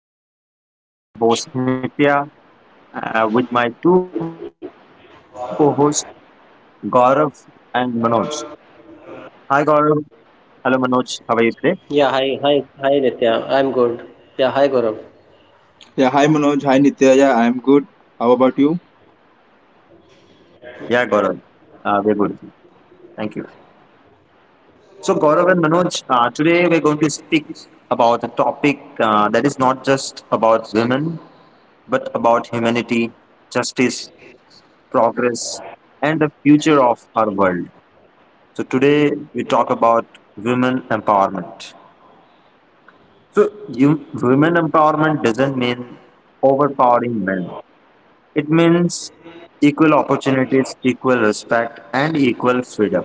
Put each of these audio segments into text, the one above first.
back to my show. I'm your host Nitya with my two co-hosts Gaurav and Manoj. Hi Gaurav, hello Manoj, how are you today? Yeah, hi, hi, hi, Nitya. I'm good. Yeah, hi, Gaurav. Yeah, hi Manoj, hi Nitya. Yeah, I'm good. How about you? Yeah Gaurav, we're good. Thank you. So Gaurav and Manoj, today we're going to speak about a topic that is not just about women, but about humanity, justice, progress, and the future of our world. So today we talk about women empowerment. So you, women empowerment doesn't mean overpowering men. It means equal opportunities, equal respect, and equal freedom.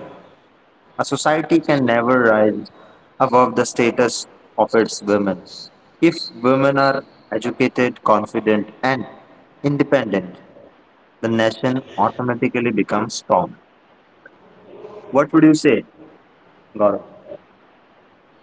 A society can never rise above the status of its women. If women are educated, confident, and independent, the nation automatically becomes strong. What would you say, Gaurav?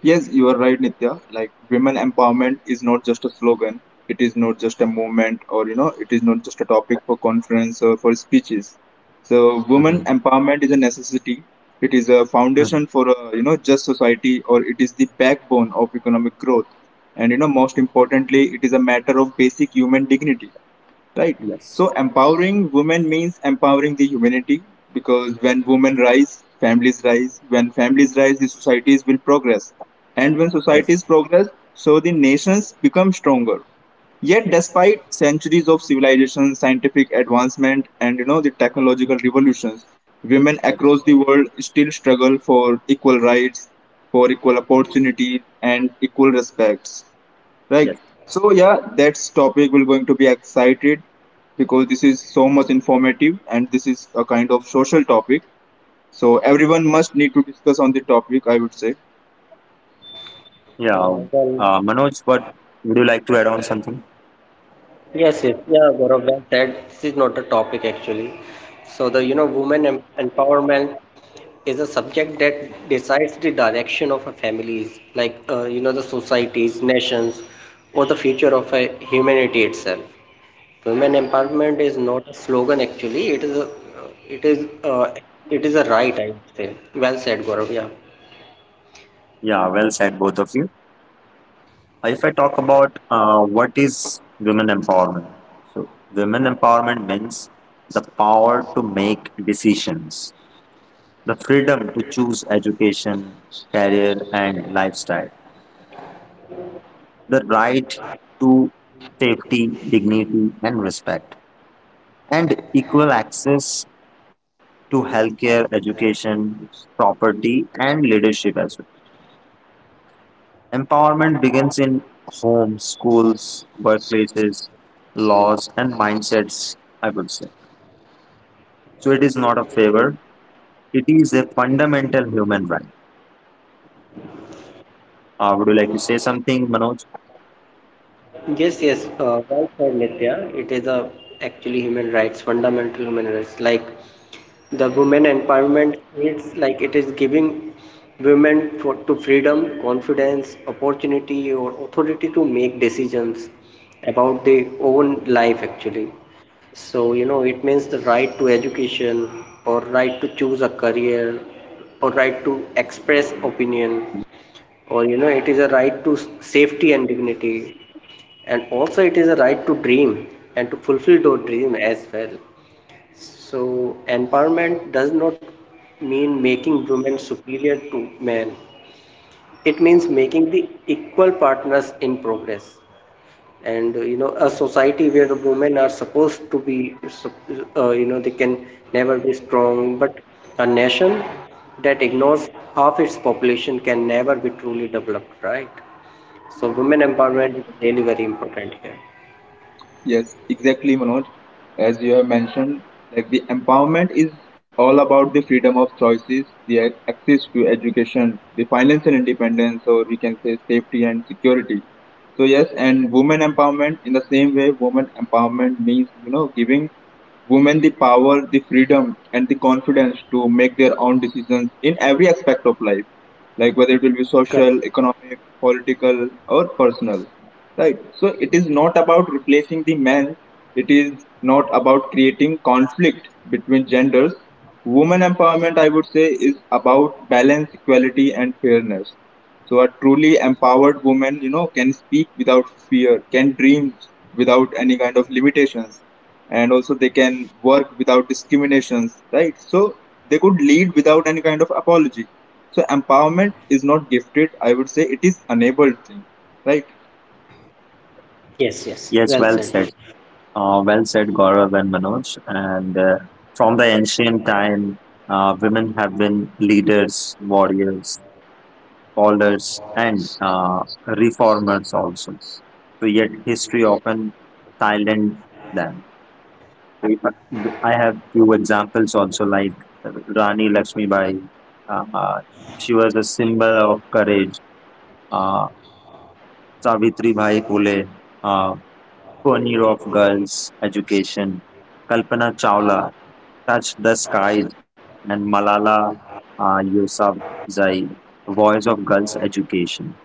Yes, you are right, Nitya. Like, women empowerment is not just a slogan, it is not just a movement, or you know, it is not just a topic for conference or for speeches. So, women Mhm. empowerment is a necessity, it is a Mhm. foundation for a you know, just society, or it is the backbone of economic growth. And you know, most importantly, it is a matter of basic human dignity. Right, Yes, so empowering women means empowering the humanity, because when women rise, families rise. When families rise, the societies will progress, and when yes, societies progress, so the nations become stronger. Yet despite centuries of civilization, scientific advancement, and you know the technological revolutions, women yes, across the world still struggle for equal rights, for equal opportunities, and equal respects. Right. yes. So yeah, that's topic we're going to be excited, because this is so much informative and this is a kind of social topic. So everyone must need to discuss on the topic, I would say. Yeah. Yeah, well, Manoj, what would you like to add on something? yes. Yeah, Gaurav, well said. This is not a topic actually. So the, you know, empowerment is a subject that decides the direction of a families, like, you know, the societies, nations, or the future of a humanity itself. Women empowerment is not a slogan actually. It is, uh, it is a right, I would say. Well said, Gaurav. Yeah. Yeah, well said, both of you. If I talk about what is women empowerment, so women empowerment means the power to make decisions, the freedom to choose education, career, and lifestyle, the right to safety, dignity, and respect, and equal access to healthcare, education, property, and leadership as well. Empowerment begins in homes, schools, workplaces, laws, and mindsets, I would say. So it is not a favor, it is a fundamental human right. Would you like to say something, Manoj? Yes, well said, Nitya. It is a actually human rights, fundamental human rights. Like the women empowerment, it's like it is giving women for, to freedom, confidence, opportunity, or authority to make decisions about their own life actually. So, you know, it means the right to education or right to choose a career or right to express opinion or you know it is a right to safety and dignity, and also it is a right to dream and to fulfill your dream as well. So empowerment does not mean making women superior to men. It means making the equal partners in progress. And you know, a society where the women are supposed to be you know, they can never be strong. But a nation that ignores half its population can never be truly developed, right? So women empowerment is really very important here. Yes, exactly, Manoj. As you have mentioned, like the empowerment is all about the freedom of choices, the access to education, the financial independence, or we can say safety and security. So yes, and women empowerment in the same way, women empowerment means you know giving women the power, the freedom, and the confidence to make their own decisions in every aspect of life, like whether it will be Correct. social, economic, political, or personal. Right. So it is not about replacing the man. It is not about creating conflict between genders. Women empowerment, I would say, is about balance, equality, and fairness. So a truly empowered woman, you know, can speak without fear, can dream without any kind of limitations, and also they can work without discriminations, right? So they could lead without any kind of apology. So empowerment is not gifted, I would say, it is enabled thing, right? Yes, Yes, well well said, said. Gaurav. Well said, Gaurav and Manoj. And from the ancient time, women have been leaders, warriors, scholars, and reformers also. So yet history often silent them. We, I have few examples also, like Rani Lakshmibai. Uh, uh, she was a symbol of courage. Uh, Savitri Bhai Pule, uh, pioneer of girls' education. Kalpana Chawla touched the skies, and Malala Yousafzai, voice of girls' education.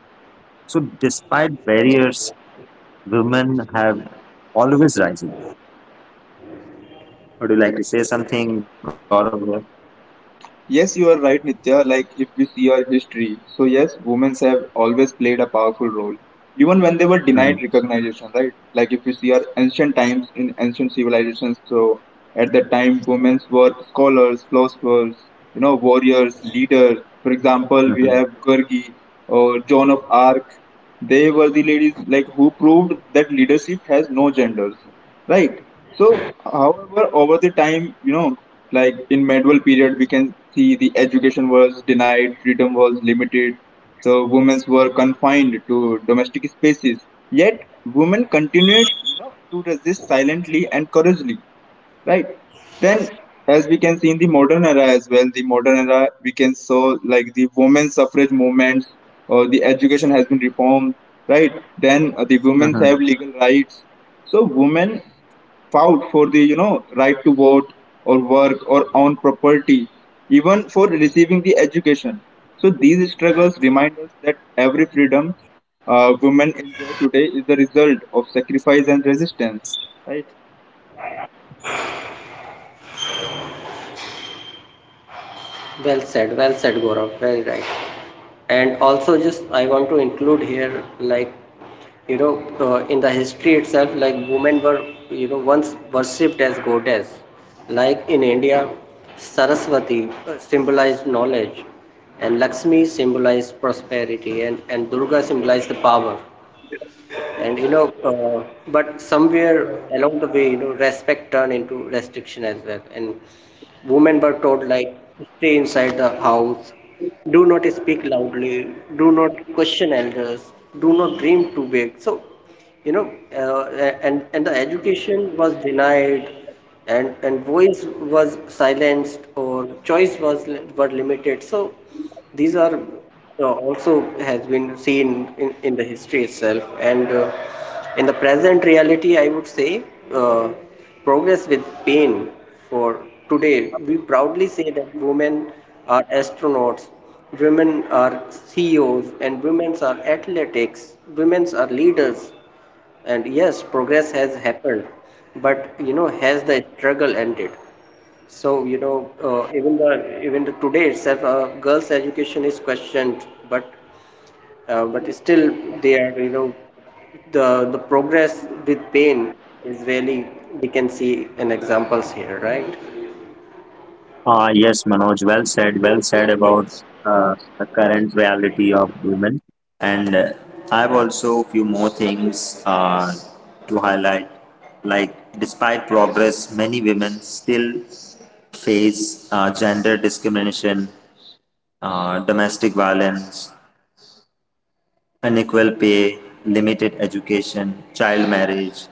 So, despite barriers, women have always risen. Would you like to say something, Gaurav? Yes, you are right, Nitya. Like, if we see our history, so yes, women have always played a powerful role, even when they were denied recognition, right? Like, if we see our ancient times in ancient civilizations, so at that time, women were scholars, philosophers, you know, warriors, leaders. For example, we have Gurgi or Joan of Arc. They were the ladies like who proved that leadership has no genders, right? So, however, over the time, you know, like in medieval period, we can see the education was denied, freedom was limited, so women were confined to domestic spaces. Yet, women continued, you know, to resist silently and courageously, right? Then as we can see in the modern era as well, the modern era we can saw like the women's suffrage movements, or the education has been reformed. Right, then the women Hmm. have legal rights. So women fought for the you know right to vote or work or own property, even for receiving the education. So these struggles remind us that every freedom women enjoy today is the result of sacrifice and resistance. Well said, Gaurav. Very right. And also, just I want to include here, like, you know, in the history itself, like, women were, you know, once worshipped as goddess. Like in India, Saraswati symbolized knowledge, and Lakshmi symbolized prosperity, and Durga symbolized the power. And you know, but somewhere along the way, you know, respect turned into restriction as well. And women were told, like, stay inside the house, do not speak loudly, do not question elders, do not dream too big. So, you know, and the education was denied, and voice was silenced, or choice was were limited. So these are also has been seen in the history itself. And in the present reality, I would say, uh, progress with pain. For today, we proudly say that women are astronauts, women are CEOs, and women are athletics, women are leaders. And yes, progress has happened, but you know, has the struggle ended? So, you know, even the today itself, girls' education is questioned, but still they are, you know, the the progress with pain is really we can see an examples here, right? Yes, Manoj, well said about the current reality of women. And I have also few more things to highlight. Like, despite progress, many women still face gender discrimination, domestic violence, unequal pay, limited education, child marriage,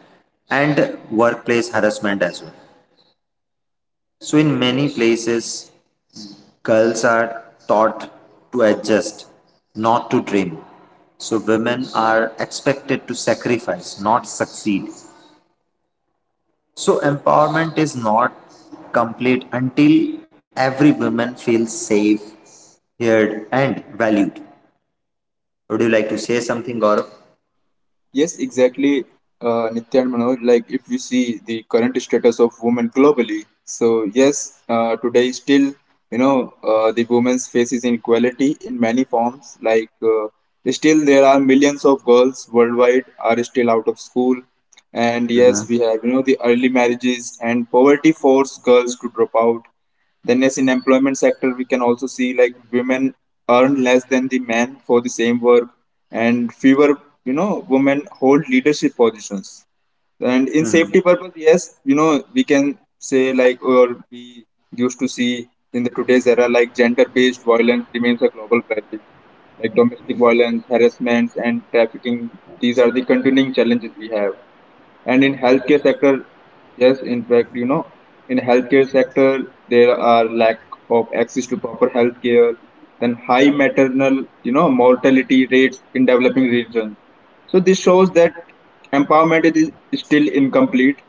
and workplace harassment as well. So, in many places, girls are taught to adjust, not to dream. So women are expected to sacrifice, not succeed. So empowerment is not complete until every woman feels safe, heard, and valued. Would you like to say something, Gaurav? Yes, exactly, Nitya and Manoj. Like, if you see the current status of women globally, so yes, today still, you know, the women's faces inequality in many forms. Like, still there are millions of girls worldwide are still out of school, and Mhm. yes, we have you know the early marriages and poverty force girls to drop out. Then as in employment sector, we can also see like women earn less than the men for the same work and fewer, you know, women hold leadership positions. And in Mm-hmm. safety purpose, yes, you know, we can say like or we used to see in the today's era like gender-based violence remains a global crisis, like domestic violence, harassment, and trafficking. These are the continuing challenges we have. And in healthcare sector, yes, in fact, you know, in healthcare sector there are lack of access to proper healthcare, then high maternal you know mortality rates in developing regions. So this shows that empowerment is still incomplete.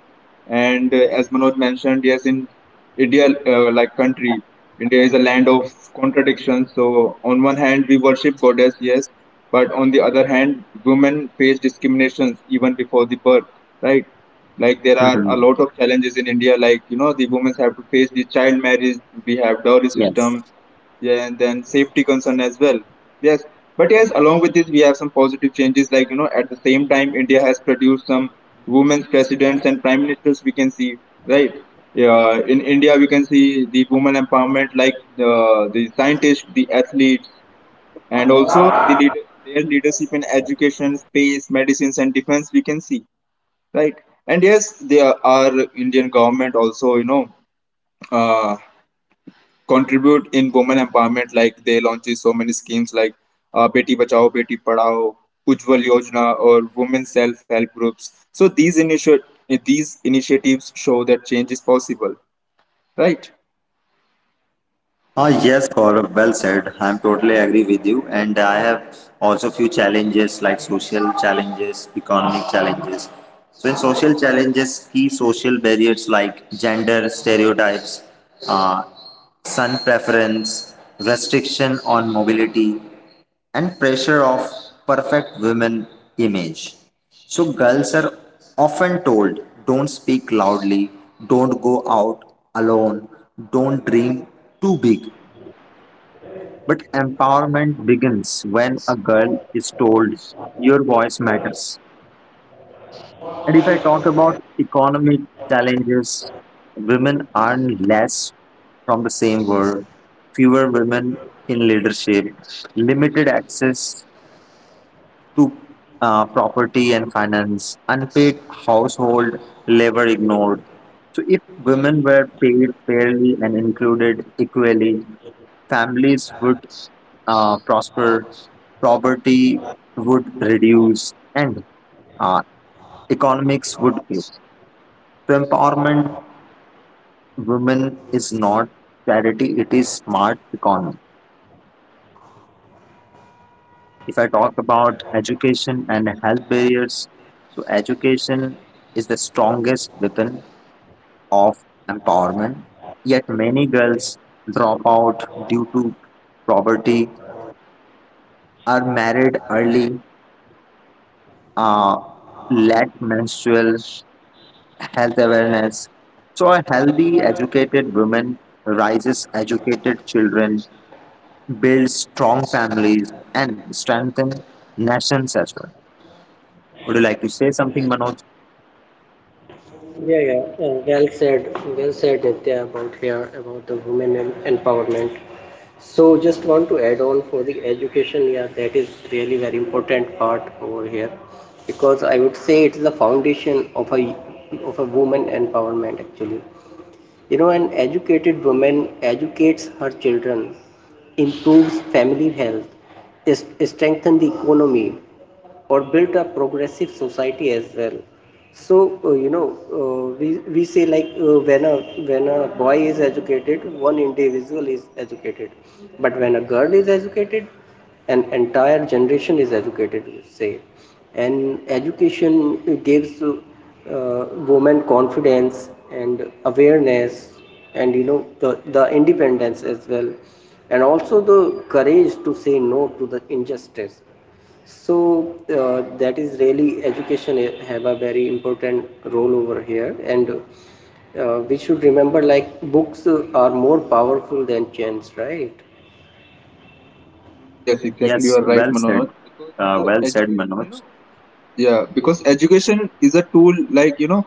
And as Manoj mentioned, yes, in India, like country, India is a land of contradictions. So on one hand, we worship goddess, yes, but on the other hand, women face discriminations even before the birth, right? Like there are a Mhm. lot of challenges in India, like you know, the women have to face the child marriage. We have dowry Yes. system, yeah, and then safety concern as well. Yes, but yes, along with this we have some positive changes, like you know at the same time India has produced some women's presidents and prime ministers we can see, right? Yeah, in India we can see the women empowerment, like the the scientists, the athletes, and also the leader, their leadership in education space, medicines, and defense we can see, right? And yes, there are our Indian government also, you know, uh, contribute in women empowerment. Like they launches so many schemes like Beti Bachao, Beti Padhao, Ujjwal Yojana, or women self help groups. So these initiatives show that change is possible, right? Ah yes, Gaurav, well said. I'm totally agree with you, and I have also few challenges like social challenges, economic challenges. So in social challenges, key social barriers like gender stereotypes, uh, sun preference, restriction on mobility, and pressure of perfect women image. So girls are often told don't speak loudly, don't go out alone, don't dream too big, but empowerment begins when a girl is told your voice matters. And if I talk about economic challenges, women earn less from the same work, fewer women in leadership, limited access to property and finance, unpaid household labor ignored. So, if women were paid fairly and included equally, families would prosper, poverty would reduce, and uh, economics would grow. So, empowerment women is not charity; it is smart economy. If I talk about education and health barriers, so education is the strongest weapon of empowerment. Yet many girls drop out due to poverty, are married early, uh, lack menstrual health awareness. So a healthy, educated woman raises educated children, builds strong families, and strengthens nations as well. Would you like to say something, Manoj? Well said, well said, Nitya, about here about the empowerment. So, just want to add on for the education. Yeah, that is really very important part over here, because I would say it is the foundation of a woman empowerment actually. You know, an educated woman educates her children, improves family health, strengthens the economy, or build a progressive society as well. So you know, we say like when a boy is educated, one individual is educated, but when a girl is educated, an entire generation is educated, we say. And education gives women confidence and awareness, and you know the independence as well, and also the courage to say no to the injustice. So that is really education have a very important role over here. And we should remember, like, books are more powerful than chance, right? Yes, exactly. You Yes, are right, well Manoj. said. Because the Well said, education, you Manoj. know, yeah, Yeah. because education is a tool like you know.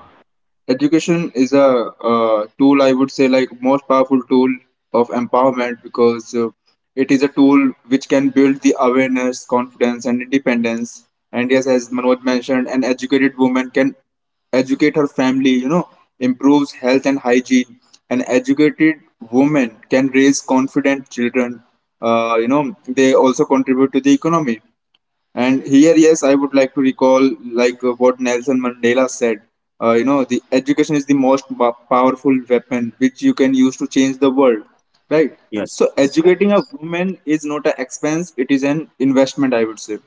Education is a tool, I would say, like most powerful tool of empowerment because it is a tool which can build the awareness, confidence, and independence. And yes, as Manoj mentioned, an educated woman can educate her family, you know, improves health and hygiene. An educated woman can raise confident children. You know, they also contribute to the economy, and here, yes, I would like to recall like what Nelson Mandela said. You know, the education is the most powerful weapon which you can use to change the world, right? So Yes, educating a woman is not an expense; it is an investment, I would say.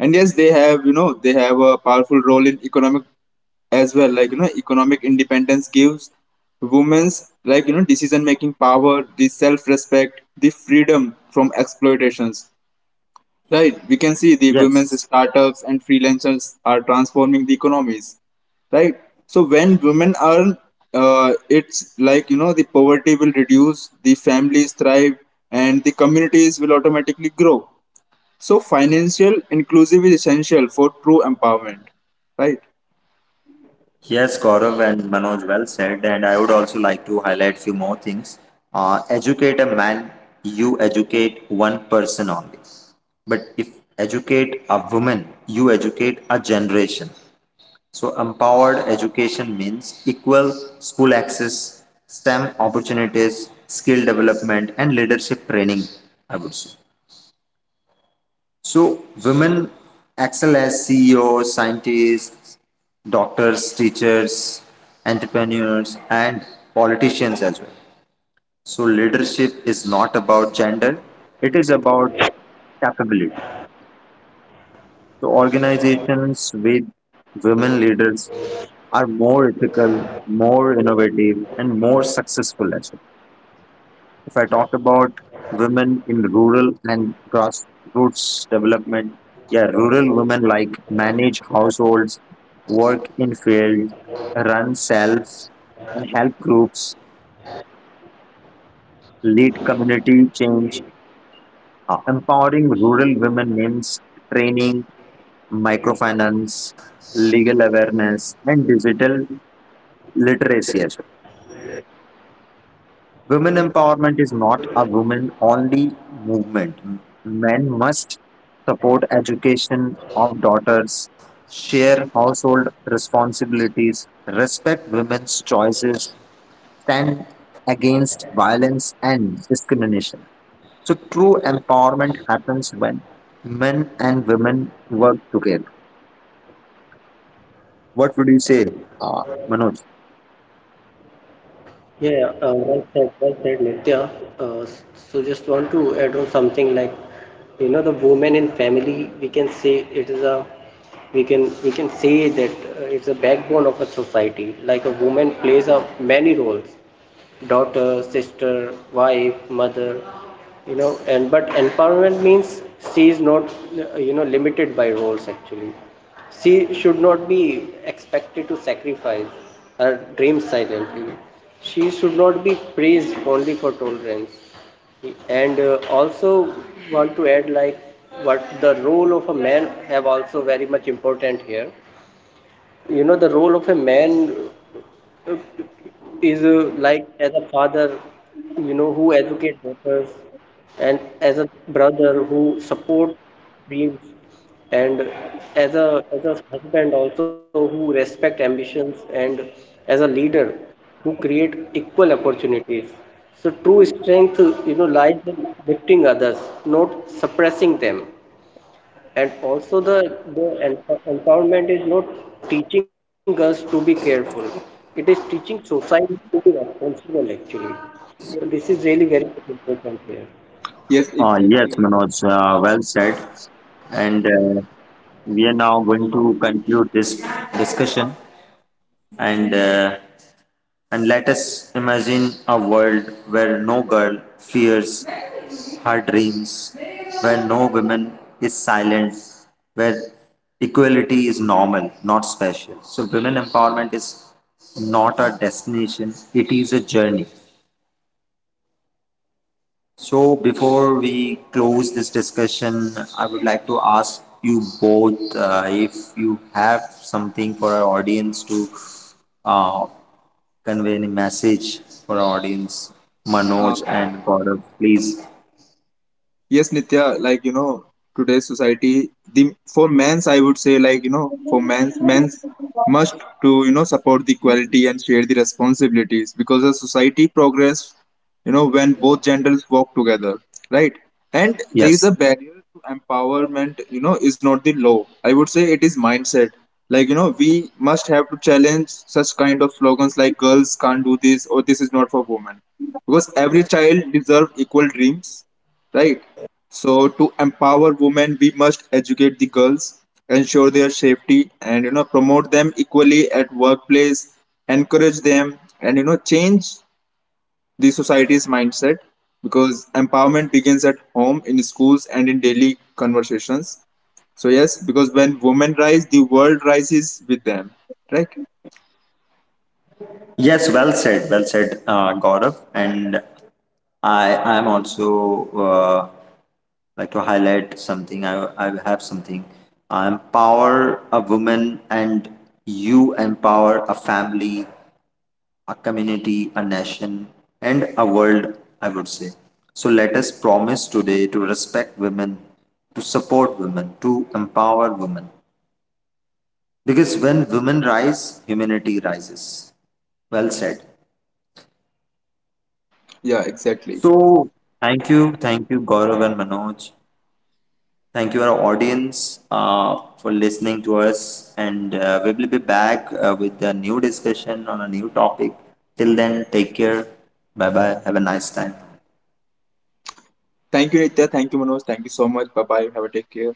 And yes, they have a powerful role in economic as well. Like you know, economic independence gives women's like you know decision making power, the self respect, the freedom from exploitations. Right, we can see the women's yes, startups and freelancers are transforming the economies. Right, so when women earn, it's like you know the poverty will reduce, the families thrive, and the communities will automatically grow. So financial inclusive is essential for true empowerment. Right. yes, Gaurav and Manoj, well said. And I would also like to highlight few more things. Educate a man, you educate one person only. But if educate a woman, you educate a generation. So empowered education means equal school access, STEM opportunities, skill development, and leadership training. I would say. So women excel as CEOs, scientists, doctors, teachers, entrepreneurs, and politicians as well. So leadership is not about gender; it is about capability. So organizations with women leaders are more ethical, more innovative, and more successful as well. If I talk about women in rural and grassroots development, yeah, rural women like manage households, work in field, run cells and help groups, lead community change, empowering rural women means training, microfinance, legal awareness, and digital literacy as well. Women empowerment is not a women only movement. Men must support education of daughters, share household responsibilities, respect women's choices, stand against violence and discrimination. So, true empowerment happens when men and women work together. What would you say, Manoj? Yeah, well said, Nitya. So just want to add on something like, you know, the woman in family, we can say it is a, we can say that it's a backbone of a society. Like a woman plays a many roles, daughter, sister, wife, mother, you know. And but empowerment means she is not, you know, limited by roles actually. She should not be expected to sacrifice her dreams silently. She should not be praised only for tolerance. And also want to add, like, what the role of a man have also very much important here. You know, the role of a man uh, is like as a father, you know, who educate daughters, and as a brother who support dreams, and as a husband also who respect ambitions, and as a leader who create equal opportunities. So true strength, you know, lies in lifting others, not suppressing them. And also the empowerment is not teaching us to be careful; it is teaching society to be responsible actually. So this is really very important here. Yes, Yes, exactly. Manoj, well said. And we are now going to conclude this discussion and uh, and let us imagine a world where no girl fears her dreams, where no woman is silent, where equality is normal, not special. So women empowerment is not a destination, it is a journey. So before we Right. close this Right. discussion, I would like to ask you both if you have something for our audience to uh, convey any message for our audience, Manoj Um, and Gaurav, please. Yes, Nitya, like you know, today's society, the for men's, I would say, like you know, for men's, must to you know support the equality and share the responsibilities because the society progress, you know, when both Yeah, genders yes, work Gaurav. together, right? And there is a Yes. barrier to Yeah, just empowerment, you know, let is me not the continue law. over I would here. say it is Like, mindset. Like you know, we as must we have are to going to a challenge such conclusion kind of here, so slogans like let "girls us can't do dream this" or of "this a is not world for women," where because girls are every not child afraid deserves to equal dream, dreams, where women are right? not judged So by to gender, empower and where women, we must educate the equality girls, is ensure their nurtured by safety, and you know demanded promote them actually. equally at So you know the workplace, empowering encourage them, and you women know does not change weaken society; the society's it mindset, strengthens the because humanity empowerment actually. begins at That home, is, I in would say. schools, and in daily conversations. So yes, because when women rise, the world rises with them, Hi right? Nitya, can you hear me? Yes, well said, Gaurav. And I'm also uh, like to highlight something. I have something. I empower a woman, and you empower a family, a community, a nation, and a world. I would say. So let us promise today to respect women, to support women, to empower women. Because when women rise, humanity rises. Well said. Yeah, exactly. So thank you, Gaurav and Manoj. Thank you, our audience, for listening to us. And we will be back with a new discussion on a new topic. Till then, take care. Bye bye. Have a nice time. Thank you, Nitya. Thank you, Manoj. Thank you so much. Bye bye. Have a take care.